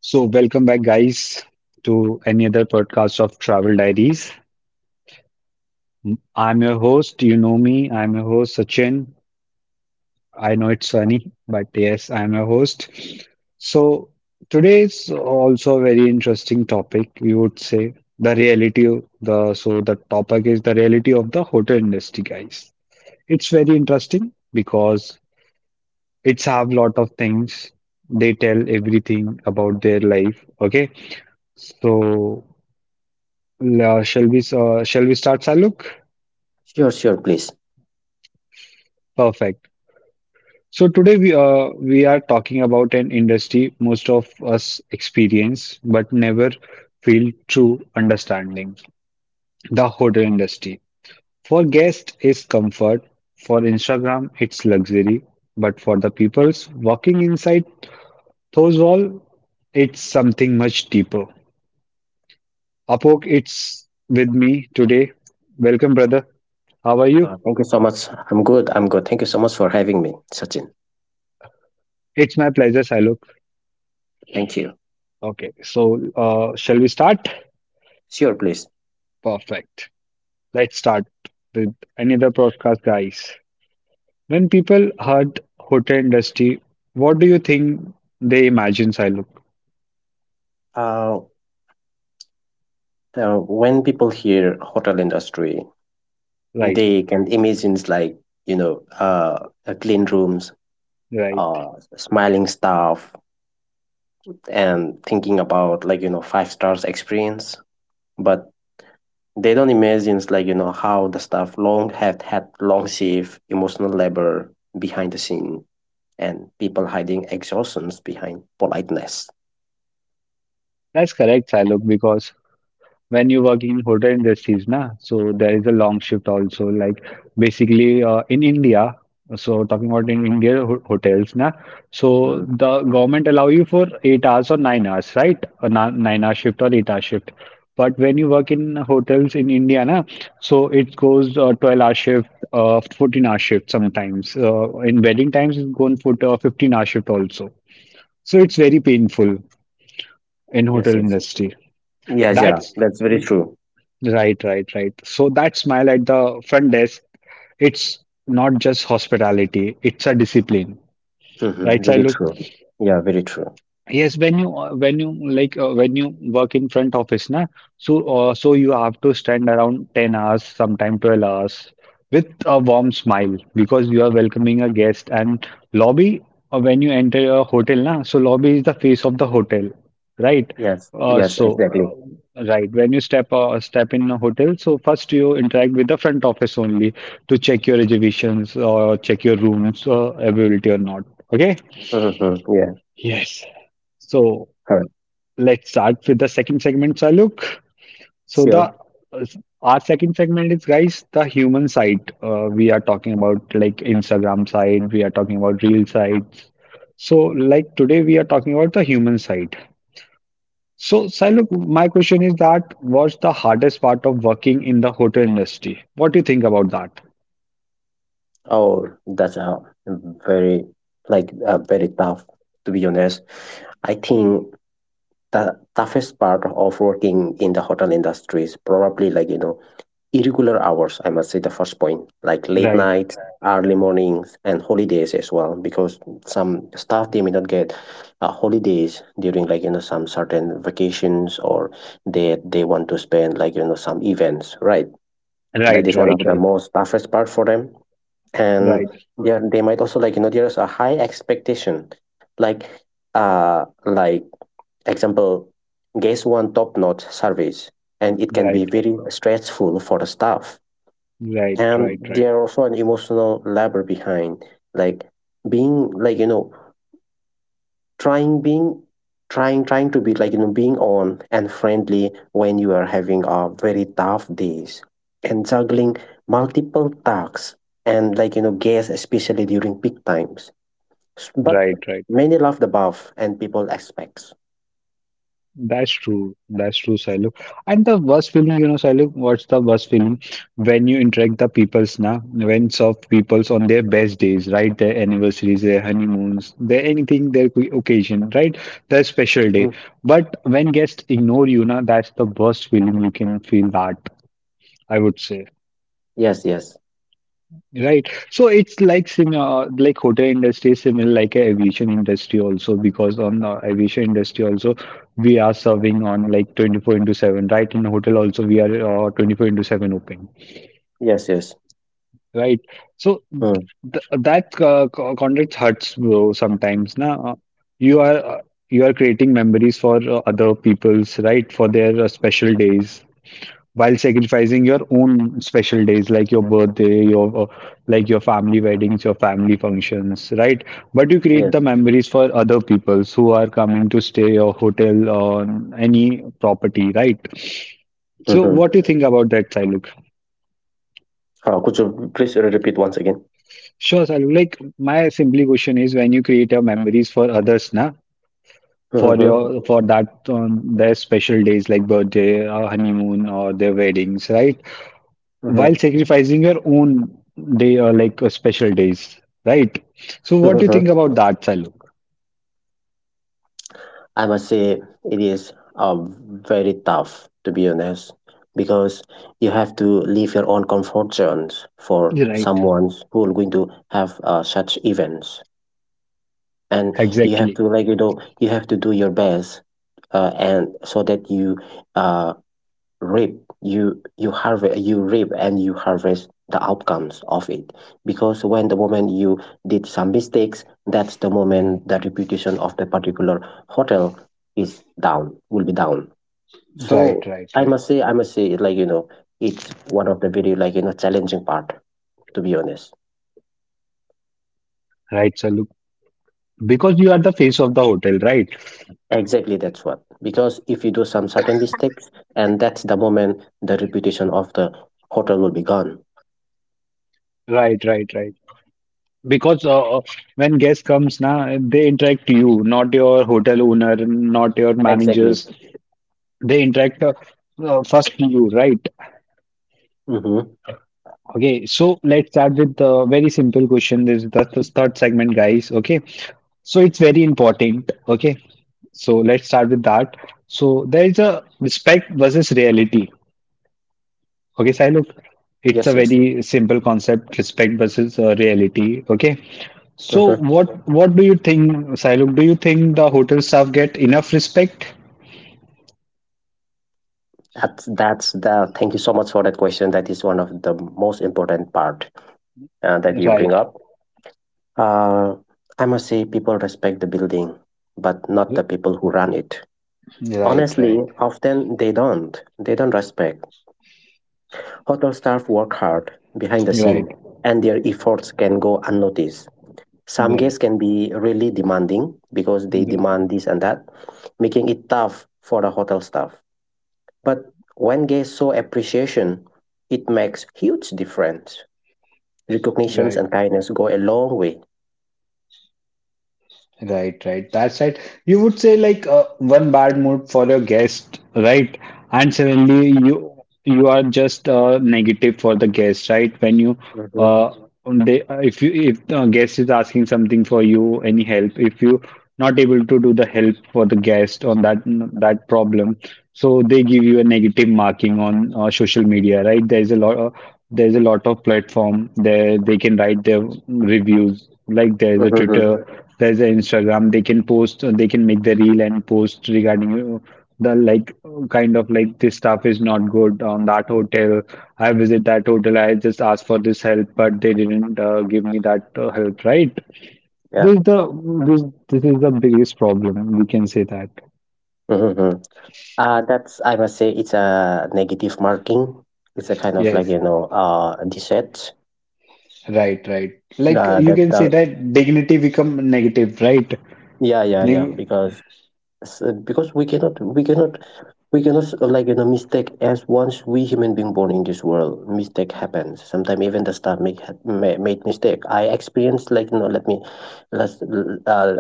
So, welcome back, guys, to any other podcast of Travel Diaries. I'm your host. You know me. I'm your host, Sachin. I know it's sunny, but yes, I'm your host. So, today is also a very interesting topic, you would say. The reality, of the the topic is the reality of the hotel industry, guys. It's very interesting because it's have lot of things. They tell everything about their life. Okay. So Shall we start, Saluk? Sure, sure, please. Perfect. So today we are talking about an industry most of us experience but never feel true understanding, the hotel industry. For guests is comfort, for Instagram it's luxury, but for the peoples walking inside those walls, it's something much deeper. Apok, it's with me today. Welcome, brother. How are you? Thank you so much. I'm good. I'm good. Thank you so much for having me, Sachin. It's my pleasure, Saluk. Thank you. Okay, so shall we start? Sure, please. Perfect. Let's start with another podcast, guys. When people heard hotel industry, what do you think they imagine, Siluk? Uh, when people hear hotel industry, Right, they can imagine clean rooms, right. Smiling staff, and thinking about like you know five stars experience. But they don't imagine like you know how the staff long have had long shift, emotional labor behind the scene and people hiding exhaustions behind politeness. That's correct, Siluk, because when you work in hotel industries na so there is a long shift also like basically in india so talking about in india hotels na so Mm. the government allow you for 8 hours or 9 hours right 9-hour shift or 8-hour shift but when you work in hotels in india na so it goes 12-hour shift 14-hour shift sometimes in wedding times it's gone for 15-hour shift also so it's very painful in hotel Yes, yes. industry Yes, yeah, that's that's very true. Right, right, right. So that smile at the front desk, it's not just hospitality, it's a discipline. Hmm Right, Very Sailu? true. Yeah, very true. Yes, when you when you work in front office, na, so so you have to stand around 10 hours, sometime 12 hours, with a warm smile because you are welcoming a guest. And lobby, when you enter a hotel, na, so lobby is the face of the hotel, right? Yes, Uh, yes, so exactly. Right when you step in a hotel, so first you interact with the front office only to check your reservations or check your rooms availability or not. Okay. hmm Yeah, Yes. So. correct. Let's start with the second segment, Saluk. So the Sure. uh, our second segment is guys the human side. We are talking about like Instagram side. We are talking about real sites. So like today we are talking about the human side. So Saluk, my question is that what's the hardest part of working in the hotel industry? What do you think about that? Oh, that's a very, very tough, to be honest. I think the toughest part of working in the hotel industry is probably like, you know, irregular hours, I must say the first point, like late Right, night, early mornings, and holidays as well, because some staff they may not get holidays during like you know some certain vacations or they want to spend like you know some events, right? right, That is one right, of the right, most toughest part for them, and right, yeah, they might also like you know there's a high expectation, like like example, guest one top notch service, and it can right, be very stressful for the staff right, and right, there are also an emotional labor behind like being like you know trying being trying trying to be like you know being on and friendly when you are having a very tough days and juggling multiple tasks and like you know guests especially during peak times but right, right. many love the buff and people expects. That's true. That's true, Sailu. And the worst feeling, you know, Sailu, what's the worst feeling? When you interact the peoples now, when soft peoples on their best days, right? Their anniversaries, their honeymoons, their anything, their occasion, right? Their special day. Mhm. But when guests ignore you, now that's the worst feeling you can feel that, I would say. Yes, yes. Right. So it's like similar, like hotel industry, is similar like a aviation industry also, because on aviation industry also, we are serving on like 24 into 7, right? In hotel also, we are 24 into 7 open, Yes, yes. right? So th Mm, th that contract hurts, bro, sometimes. Now you are uh, you are creating memories for other people's, right? For their special days while sacrificing your own special days like your birthday your like your family weddings your family functions right but you create yes. the memories for other people who are coming to stay your hotel or any property right so hmm what do you think about that Siluk? could you please repeat once again? Sure, Saluk. Like my simply question is when you create your memories for others, na, for hmm your for that their special days like birthday or honeymoon or their weddings, right? While sacrificing your own day or like special days, right? So, what do you think hmm about that, Saluk? I must say it is very tough, to be honest, because you have to leave your own comfort zones for Right. someone who are going to have such events, and you have Exactly, to like you know you have to do your best, and so that uh, you reap and you harvest the outcomes of it, because when the moment you did some mistakes, that's the moment the reputation of the particular hotel is down will be down. right, So right, i right. must say i must say like you know it's one of the very like you know challenging part, to be honest. Right, Saluk? Because you are the face of the hotel, right? Exactly, that's what, because if you do some certain mistakes, and that's the moment the reputation of the hotel will be gone. Right, right, right. Because when guest comes, na, they interact you, not your hotel owner, not your Exactly. managers. They interact first you, right? Mm-hmm. Okay, so let's start with the very simple question. This is that's the third segment, guys. Okay, so it's very important. Okay, so let's start with that. So there is a respect versus reality. Okay, Sai, look, it's a Yes, yes. very simple concept, respect versus reality. Okay, so Mm-hmm. what do you think, Sailuk? Do you think the hotel staff get enough respect? That's the — thank you so much for that question. That is one of the most important part that you bring Right, up. Uh, I must say, people respect the building, but not the people who run it. right, Honestly, right, often they don't. They don't respect. Hotel staff work hard behind the right, scene, and their efforts can go unnoticed. Some right, guests can be really demanding because they demand this and that, making it tough for the hotel staff. But when guests show appreciation, it makes huge difference. Recognitions right. and kindness go a long way. Right, right. That's right. You would say like one bad mood for a guest, right? And suddenly you are just negative for the guest, right? When you Mm-hmm. uh, they, if you if the guest is asking something for you, any help, if you not able to do the help for the guest on that problem, so they give you a negative marking on social media, right? There's a lot of platform there they can write their reviews. Like there's a Mm-hmm. Twitter, there's an Instagram. They can post, they can make the reel and post regarding the like kind of like this staff is not good on that hotel. I visit that hotel, I just asked for this help, but they didn't give me that help, right? Yeah. This is the this this is the biggest problem, we can say that. hmm That's I must say it's a negative marking. It's a kind of like Yes, you know dissent. right, right. Like you That can say that dignity become negative, right? yeah, yeah, yeah, Neg because s- because we cannot we cannot we cannot s- like you know mistake as once we human being born in this world mistake happens sometimes. Even the star made mistake. I experienced like you know — let me — let's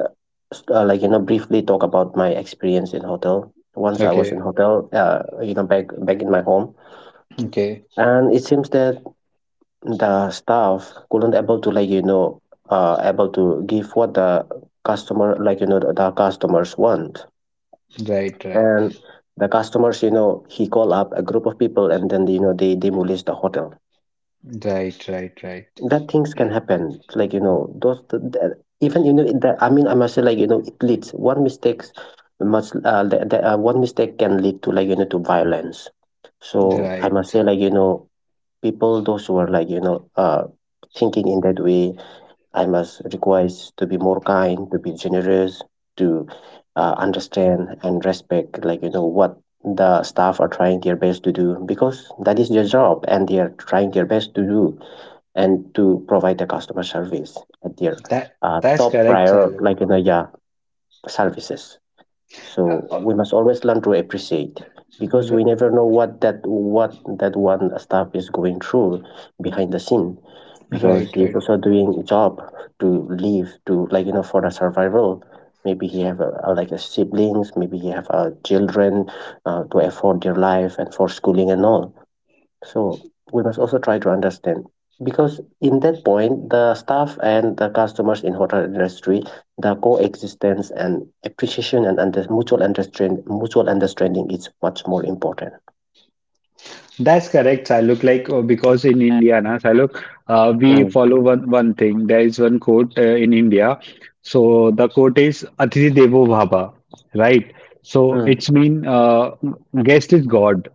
like you know briefly talk about my experience in hotel. Once I was in okay, hotel, you know, back in my home, okay. and it seems that the staff couldn't able to like you know able to give what the customer like you know the customers want, Right, right, and the customers you know he call up a group of people and then you know they demolish the hotel. right, right, right, That things can happen, like you know those even you know that. I mean, I must say like you know it leads one mistakes much one mistake can lead to like you know to violence. So I must say right. like you know people those who are like you know thinking in that way, I must request to be more kind, to be generous, to understand and respect, like, you know, what the staff are trying their best to do, because that is their job and they are trying their best to do and to provide the customer service at their That that's top correct, prior, like, Alok. you know, yeah, services. Uh, So uh, we must always learn to appreciate, because we r- never know what that — what that one staff is going through behind the scene, because right, he's right. also doing a job to live, to like you know for the survival. Maybe he have like a siblings, maybe he have children to afford their life and for schooling and all. So we must also try to understand, because in that point, the staff and the customers in hotel industry, the coexistence and appreciation and under — mutual understanding is much more important. That's correct, Saluk. Like because in India, na Saluk, we Mm, follow one thing. There is one quote in India. So the quote is "Atiti Devo Bhava," right? So mm, it's mean guest is God.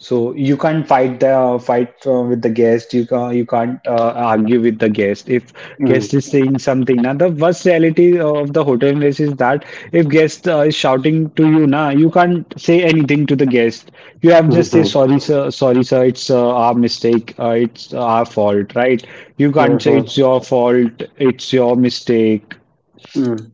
So you can't fight the fight with the guest. You can't argue with the guest. If guest mm, is saying something, now the worst reality of the hotel industry is that if guest is shouting to you, now you can't say anything to the guest. You have just say mhm, sorry sir, it's our mistake, it's our fault, right? You can't say mhm, it's your fault, it's your mistake mm,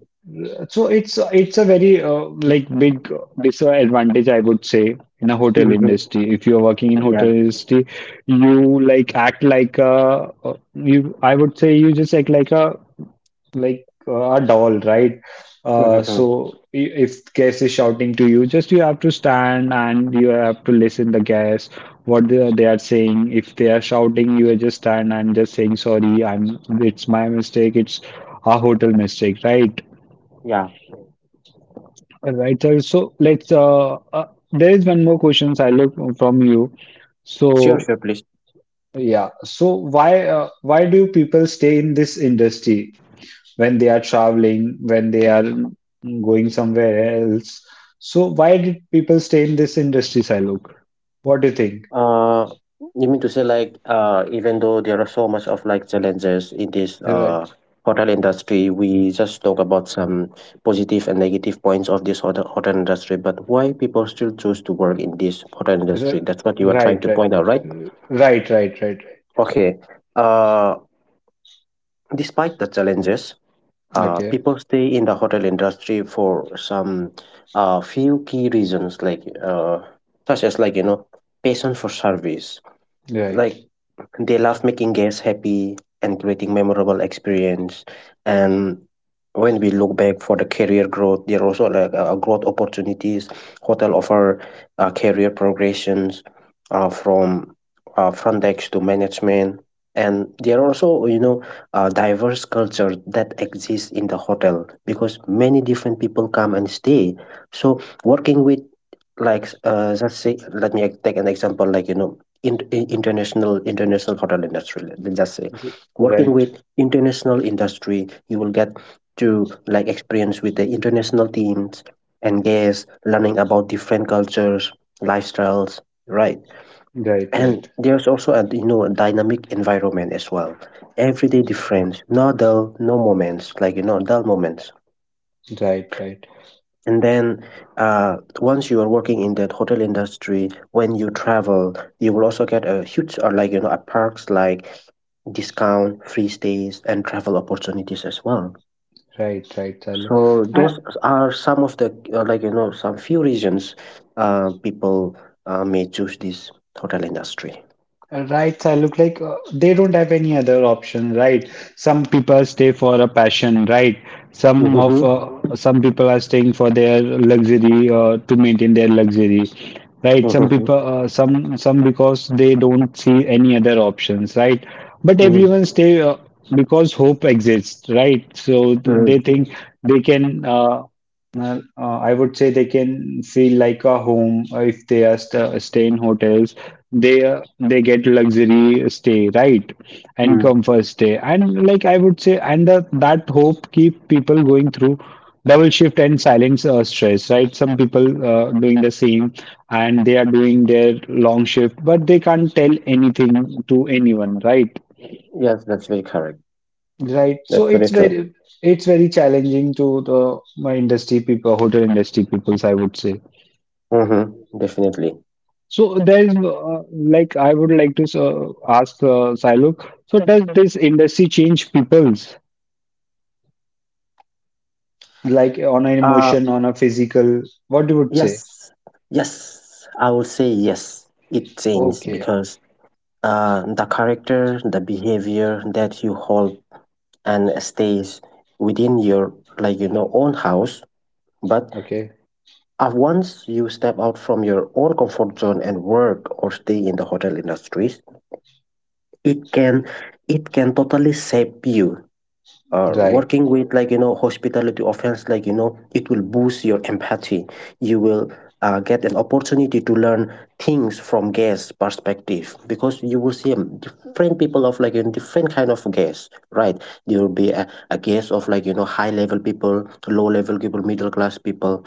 so it's a very like big disadvantage I would say in a hotel mhm. industry. If you're working in Yeah. hotel industry, you like act like a you I would say you just act like a a doll, right? Mhm, mhm. If guest is shouting to you, just you have to stand and you have to listen the guest what they are saying. If they are shouting, you just stand and just saying sorry. I'm it's my mistake. It's a hotel mistake, right? Yeah. All right, sir. So let's. There is one more question, Sailesh, from you. Sure, So sure, please. yeah. So why do people stay in this industry when they are traveling, when they are going somewhere else? So why did people stay in this industry, Sailok? What do you think? Uh, you mean to say like even though there are so much of like challenges in this Right. hotel industry, we just talk about some positive and negative points of this hotel industry, but why people still choose to work in this hotel industry? R- That's what you are trying Right. to Right. point out, right? Right. Right. Right. Right. Okay. Uh, Despite the challenges, Okay. people stay in the hotel industry for some few key reasons, such as like you know passion for service. Right. Like, they love making guests happy and creating memorable experience. And when we look back for the career growth, there are also like growth opportunities. Hotel offer career progressions from front desk to management. And there are also, you know, diverse culture that exists in the hotel because many different people come and stay. So working with like let's say let me take an example like you know international hotel industry, us just say Right. working Right. with international industry, you will get to like experience with the international teams and guests, learning about different cultures, lifestyles, right? And Right. there's also a you know a dynamic environment as well, everyday different, no dull no moments like you know dull moments. Right. Right. And then once you are working in that hotel industry, when you travel you will also get a huge or like you know a perks like discount, free stays and travel opportunities as well. Right. Right. Sailok. So those are some of the like you know some few reasons people may choose this hotel industry. Right, I Look like they don't have any other option, right? Some people stay for a passion, right? Mm-hmm. Some people are staying for their luxury to maintain their luxury, right? Some Mm-hmm. people, some because they don't see any other options, right? But Mm, everyone stay because hope exists, right? So they mm, think they can. I would say they can feel like a home if they are st stay in hotels. They uh, they get luxury stay, right? And mm. comfort stay. And like I would say, that hope keep people going through double shift and silence stress, right? Some people doing the same and they are doing their long shift, but they can't tell anything to anyone, right? Yes, that's very correct. Right. So That's very true. It's very challenging to the my industry people, hotel industry peoples, I would say. Mm-hmm. Definitely. So there's like I would like to ask Sailok. So does this industry change people's like on an Uh. emotion, on a physical? What you would say? Yes, yes, I would say yes. It changed Okay. because the character, the behavior that you hold and stays within your like you know own house. But Okay. Once you step out from your own comfort zone and work or stay in the hotel industries, it can it can totally shape you. Right. Working with like you know hospitality offense, like you know it will boost your empathy. You will get an opportunity to learn things from guests perspective, because you will see different people of like in different kind of guests, right? There will be a, guest of like you know high level people, low level people, middle class people.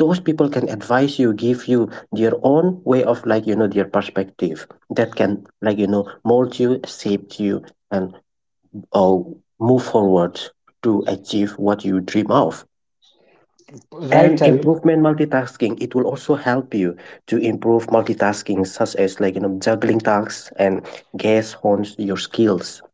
Those people can advise you, give you their own way of like you know their perspective. That can like you know mold you, shape you, and or move forward to achieve what you dream of. Right, And Sailok. improvement multitasking, it will also help you to improve multitasking, such as like you know juggling tasks and gas hones your skills.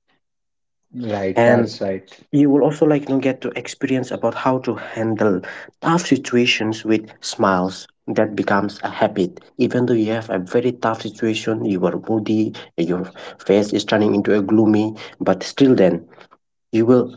Right. That's And right. you will also like you know get to experience about how to handle tough situations with smiles. That becomes a habit. Even though you have a very tough situation, you are moody, your face is turning into a gloomy, but still then you will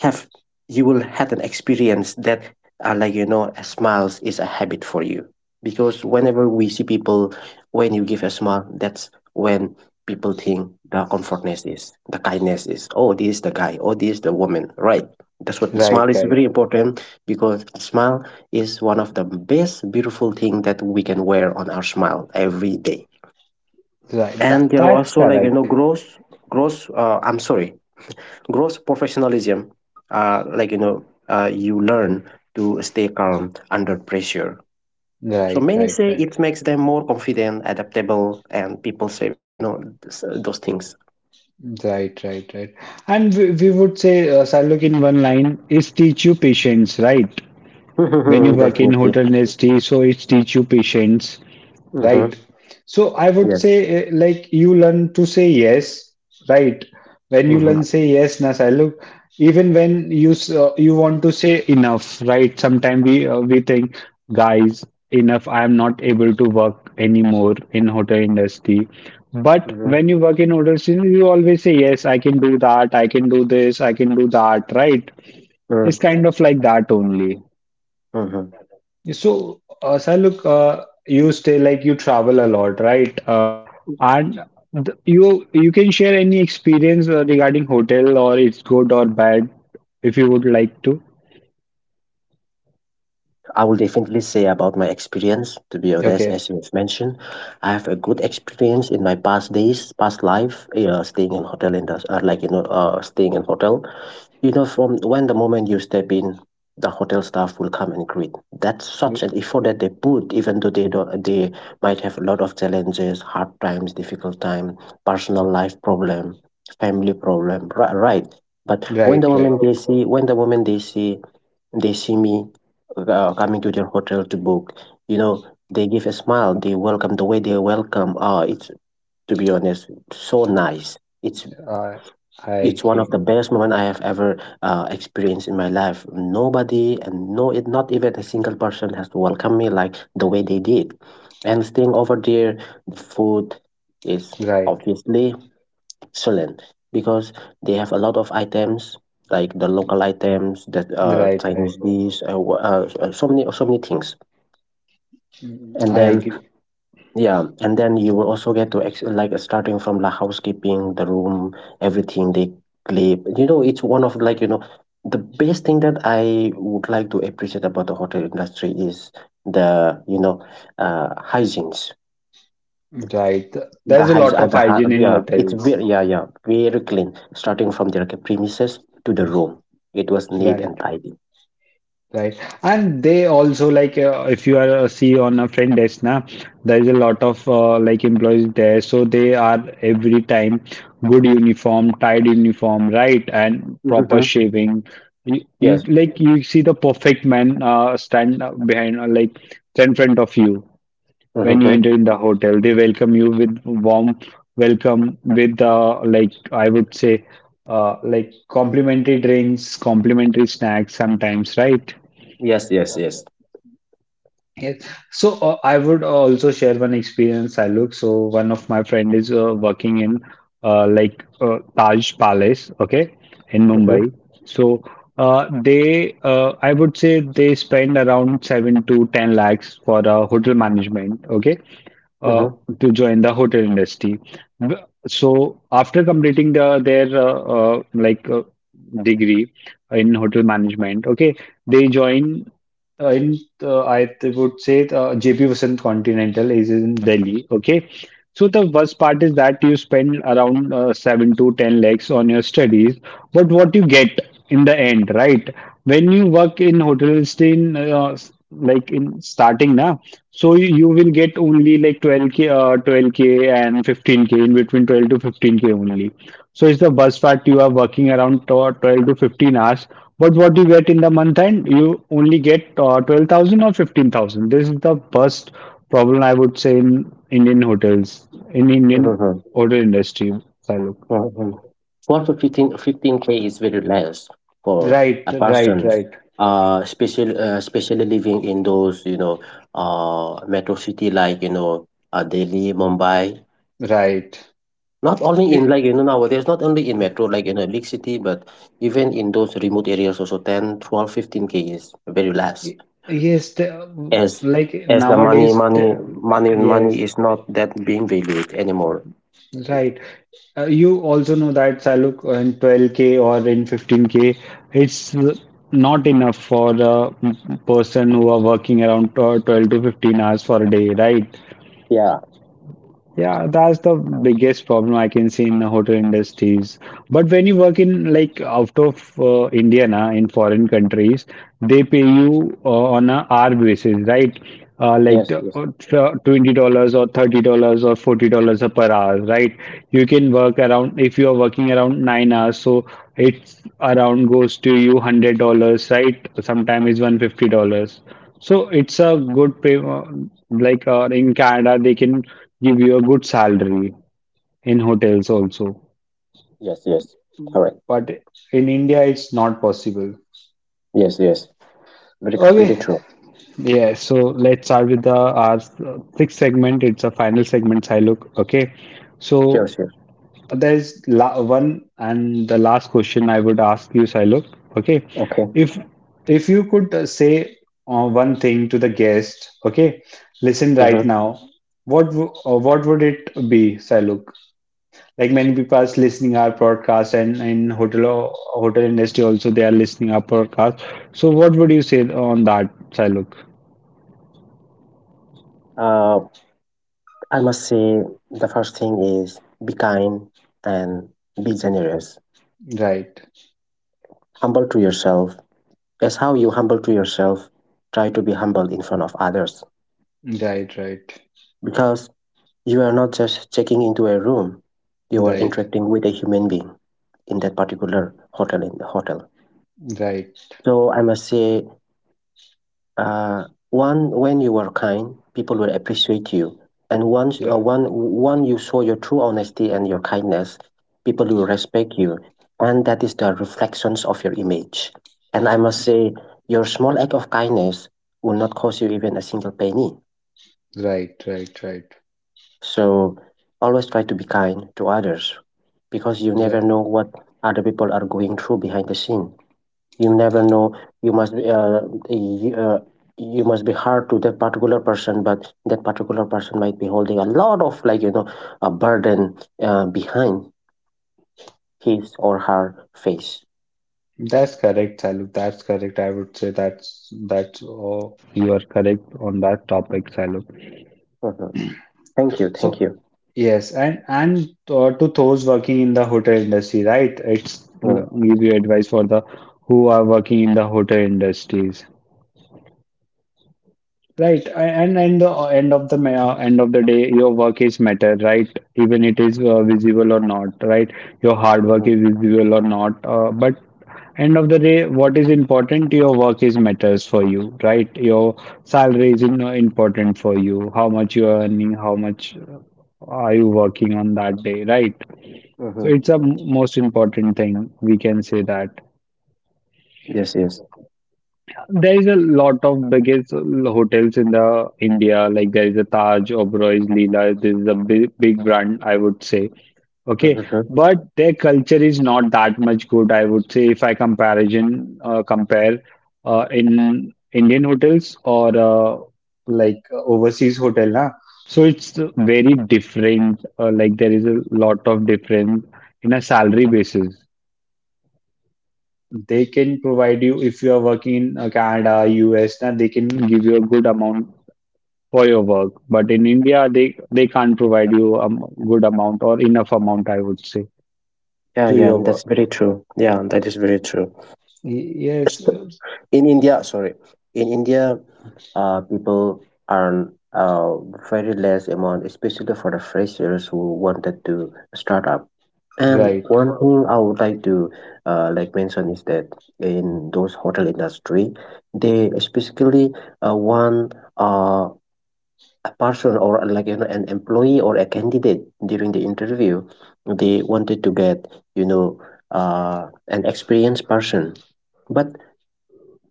have you will have an experience that a smiles is a habit for you because whenever we see people, when you give a smile, that's when people think the comfortness is, the kindness is, oh, this is the guy, oh, this is the woman, right? That's what, the Right. smile is Right. very important, because a smile is one of the best beautiful thing that we can wear on our smile every day. Right. And That, there are that's also correct. gross gross I'm sorry grows professionalism. You learn to stay calm under pressure. So Right. many Right. say Right. it makes them more confident, adaptable, and people say, this, those things. Right, right, right. And we would say, Sarlok, in one line, is teach you patience, right? When you work in Definitely. hotel industry, so it's teach you patience. Right. Hmm. So I would Yes. say, you learn to say yes, right? When you learn Hmm. say yes, Nasa, look, even when you you want to say enough, right? Sometimes we think, guys, enough. I am not able to work anymore in hotel industry. But Hmm. when you work in hotel industry, you always say yes. I can do that. I can do this. I can do that. Right? Mm-hmm. It's kind of like that only. Mm-hmm. So, sir, look, you stay like you travel a lot, right? And yeah, th you you can share any experience regarding hotel or it's good or bad if you would like to. I will definitely say about my experience. To be honest, Okay, as you've mentioned, I have a good experience in my past days, past life, yeah, staying in hotel in the, staying in hotel. You know, from when the moment you step in, the hotel staff will come and greet. That's such an R- effort that they put, even though they don't, they might have a lot of challenges, hard times, difficult time, personal life problem, family problem, right? But right, right. When the moment they see me coming to their hotel to book, you know, they give a smile, they welcome, the way they welcome, oh, it's, to be honest, so nice. It's Uh, I it's one of agree. the best moment I have ever experienced in my life. Nobody and no, it not even a single person has to welcome me like the way they did. And staying over there, the food is Right, obviously excellent, because they have a lot of items, like the local items, the right, Chinese right. dish, so many things. Mm, And I then, agree. yeah, and then you will also get to ex like starting from the housekeeping, the room, everything they clean. You know, it's one of, the best thing that I would like to appreciate about the hotel industry is the, uh, hygienes. Right. There The is a hygiene, lot of the hy hygiene in yeah, it's hotels. very, yeah, yeah, very clean. Starting from the, premises to the room, it was neat Right. and tidy. Right. And they also like if you are see on a friend desk now, there is a lot of like employees there. So they are every time good uniform, tied uniform, right? And proper Mm-hmm. shaving. You Yes. like you see the perfect man stand behind stand in front of you when you Mm-hmm. enter in the hotel. They welcome you with warm welcome with like I would say like complimentary drinks, complimentary snacks sometimes, right? Yes, yes, yes. Yes. So I would also share one experience I look. So one of my friend is working in Taj Palace, okay, in Mumbai. Mm-hmm. So they, I would say they spend around seven to ten lakhs for a hotel management, okay, uh, Mm-hmm. to join the hotel industry. So after completing the their degree in hotel management, okay, they join. In I th- would say JP Vasant Continental is in Delhi. Okay. So the worst part is that you spend around 7 to 10 lakhs on your studies, but what you get in the end, right? When you work in hotel stay in like in starting now, so you will get only like 12k, 12k and 15k, in between 12 to 15k only. So it's the bus part you are working around 12 to 15 hours. But what you get in the month end, you only get 12,000 or 15,000. This is the worst problem I would say in Indian hotels, in Indian Mm-hmm. hotel industry, Saluk. Mhm. 4 to 15, 15 k is very less for Right, a person, right, right, especially living in those, you know, metro city, Delhi, Mumbai. right. Not only in, Eh, nowadays, not only in metro, big city, but even in those remote areas also, 10, 12, 15 k is very less, eh, yes, the, as, like the money, nowadays, the, money yes. is not that being valued anymore. Right. You also know that Saluk, in 12K or in 15K, it's not enough for a person who are working around 12 to 15 hours for a day, right? Yeah. Yeah, that's the biggest problem I can see in the hotel industries. But when you work in like out of India na, in foreign countries, they pay you on a hour basis, right? Yes. Yes. $20 or $30 or $40 per hour, right? You can work around, if you are working around 9 hours, so it's around goes to you $100, right? Sometimes it's $150. So it's a good pay, in Canada, they can give you a good salary in hotels also. Yes. Yes. Correct. But in India, it's not possible. Yes. Yes. Very, very Okay, true. yeah, so let's start with the our sixth segment. It's a final segment, Silok. Okay, so Sure, sure. there's la one and the last question I would ask you, Sailok. Okay, Okay. if if you could say one thing to the guest, okay, listen right Hmm. now. What would it be, Sailok? Like many people are listening our podcast, and in hotel or hotel industry also they are listening our podcast. So what would you say on that, Sailok? Uh, I must say, the first thing is be kind and be generous. Right, Humble to yourself. As how you humble to yourself, try to be humble in front of others, right, right, because you are not just checking into a room. You are right, interacting with a human being in that particular hotel, in the hotel. right, So I must say, one, when you were kind, people will appreciate you. And once, right, one you show your true honesty and your kindness, people will respect you. And that is the reflections of your image. And I must say, your small act of kindness will not cost you even a single penny. right, right, So always try to be kind to others, because you never right. know what other people are going through behind the scene. You never know. you must be uh, you, uh, you must be hard to that particular person, but that particular person might be holding a lot of, a burden behind his or her face. That's correct, Saluk. That's correct. I would say that's oh, you are correct on that topic, Saluk. Mhm. Thank you, thank So you. yes, and to those working in the hotel industry, right? It's give you advice for the who are working in the hotel industries. Right, and the end of the day, your work is matter, right? Even it is visible or not, right? Your hard work Mm-hmm. is visible or not, but end of the day, what is important? Your work is matters for you, right? Your salary is important for you. How much you are earning, how much are you working on that day, right? So Hmm. it's a most important thing we can say that. Yes, yes. There is a lot of biggest hotels in the India, like there is a Taj, Oberoi, Leela. This is a big, big brand, I would say. Okay, Hmm. but their culture is not that much good, I would say. If I comparison compare in Indian hotels or overseas hotel, huh? So it's very different. Like there is a lot of difference in a salary basis they can provide you if you are working in Canada, US. Then they can give you a good amount for your work. But in India, they can't provide you a good amount or enough amount, I would say, Yeah, to yeah, your work. that's very true, yeah, that is very true. Yes, In India, sorry, in India, people earn very less amount, especially for the freshers who wanted to start up. And right, one thing I would like to mention is that in those hotel industry, they specifically want uh, a person, or an employee or a candidate during the interview. They wanted to get, you know, an experienced person, but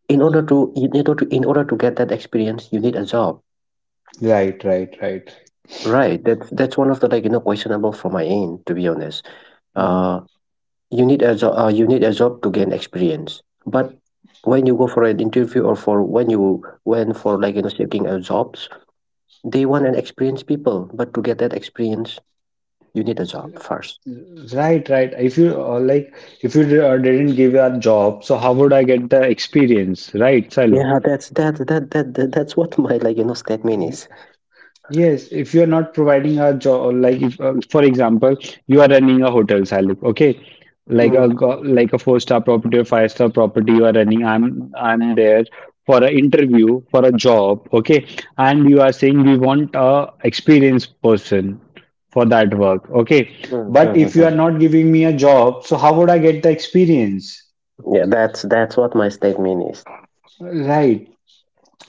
in order to get that experience you need a job, right, right, right. right? That's one of the, questionable from my end, to be honest. uh you need a job, to gain experience. But when you go for an interview, or for, when you, when, for seeking a jobs, they want an experienced people, but to get that experience you need a job first. Right, right. If you didn't give a job, so how would I get the experience, right, Salu? Yeah, that's that that that, that that's what my statement is. Yes, if you're not providing a job, like if, for example, you are running a hotel, Salib, okay, like Mm. Like a four-star property or five-star property, you are running. I'm there for an interview for a job, okay, and you are saying we want a experienced person for that work, okay. Mm, mm, But if mm, you are mm. not giving me a job, so how would I get the experience? Yeah, that's what my statement is. Right.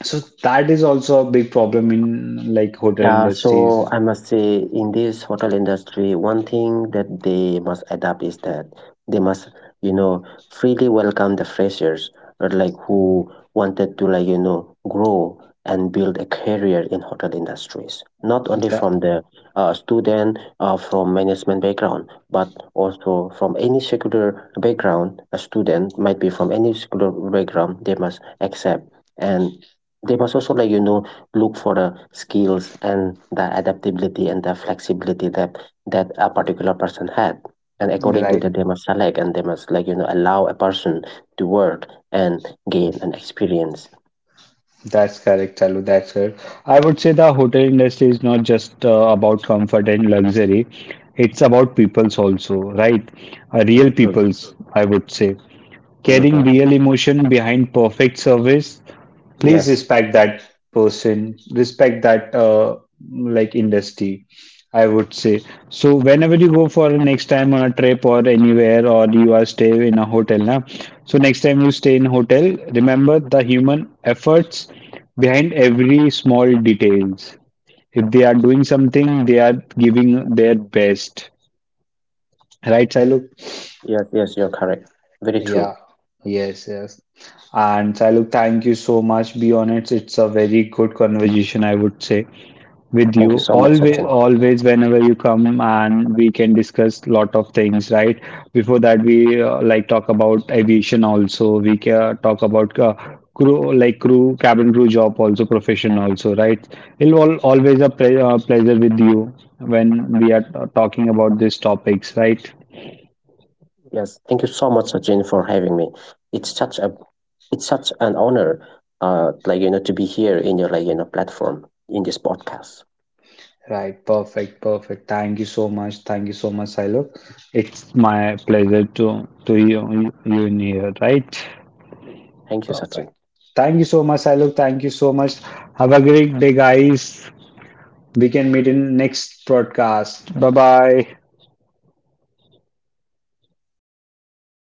So that is also a big problem in like hotel Yeah, so industries. I must say, in this hotel industry, one thing that they must adapt is that they must, you know, freely welcome the freshers, or like who wanted to grow and build a career in hotel industries. Not only That, from the student from management background, but also from any secular background, a student might be from any secular background, they must accept, and they must also look for the skills and the adaptability and the flexibility that a particular person had, and according to right. that they must select, and they must allow a person to work and gain an experience. That's correct, Chalu. That's correct. I would say the hotel industry is not just about comfort and luxury. It's about peoples also, right? Real Mhm, peoples, I would say, carrying mhm. real emotion behind perfect service. Please Yes, respect that person, respect that like industry. I would say. So whenever you go for next time on a trip or anywhere or you are stay in a hotel now. So next time you stay in hotel, remember the human efforts behind every small details. If they are doing something, they are giving their best. Right, Sailu? yes. Yes, you're correct. Very true. And Sailu, thank you so much. Be honest, it's a very good conversation, I would say, with Thank you. you so much, Always, Sachin. always, whenever you come, and we can discuss lot of things, right? Before that, we like talk about aviation also. We can talk about crew, like crew, cabin crew job also, profession also, right? It'll al always a pleasure with you when we are talking about these topics, right? Yes, thank you so much, Sachin, for having me. it's such a it's such an honor to be here in your, platform, in this podcast. Right, perfect, perfect. Thank you so much. Thank you so much, Silo. It's my pleasure to you in here, right? Thank you, Perfect. Sachin. Thank you so much, Silo. Thank you so much. Have a great day, guys. We can meet in next broadcast. Bye bye.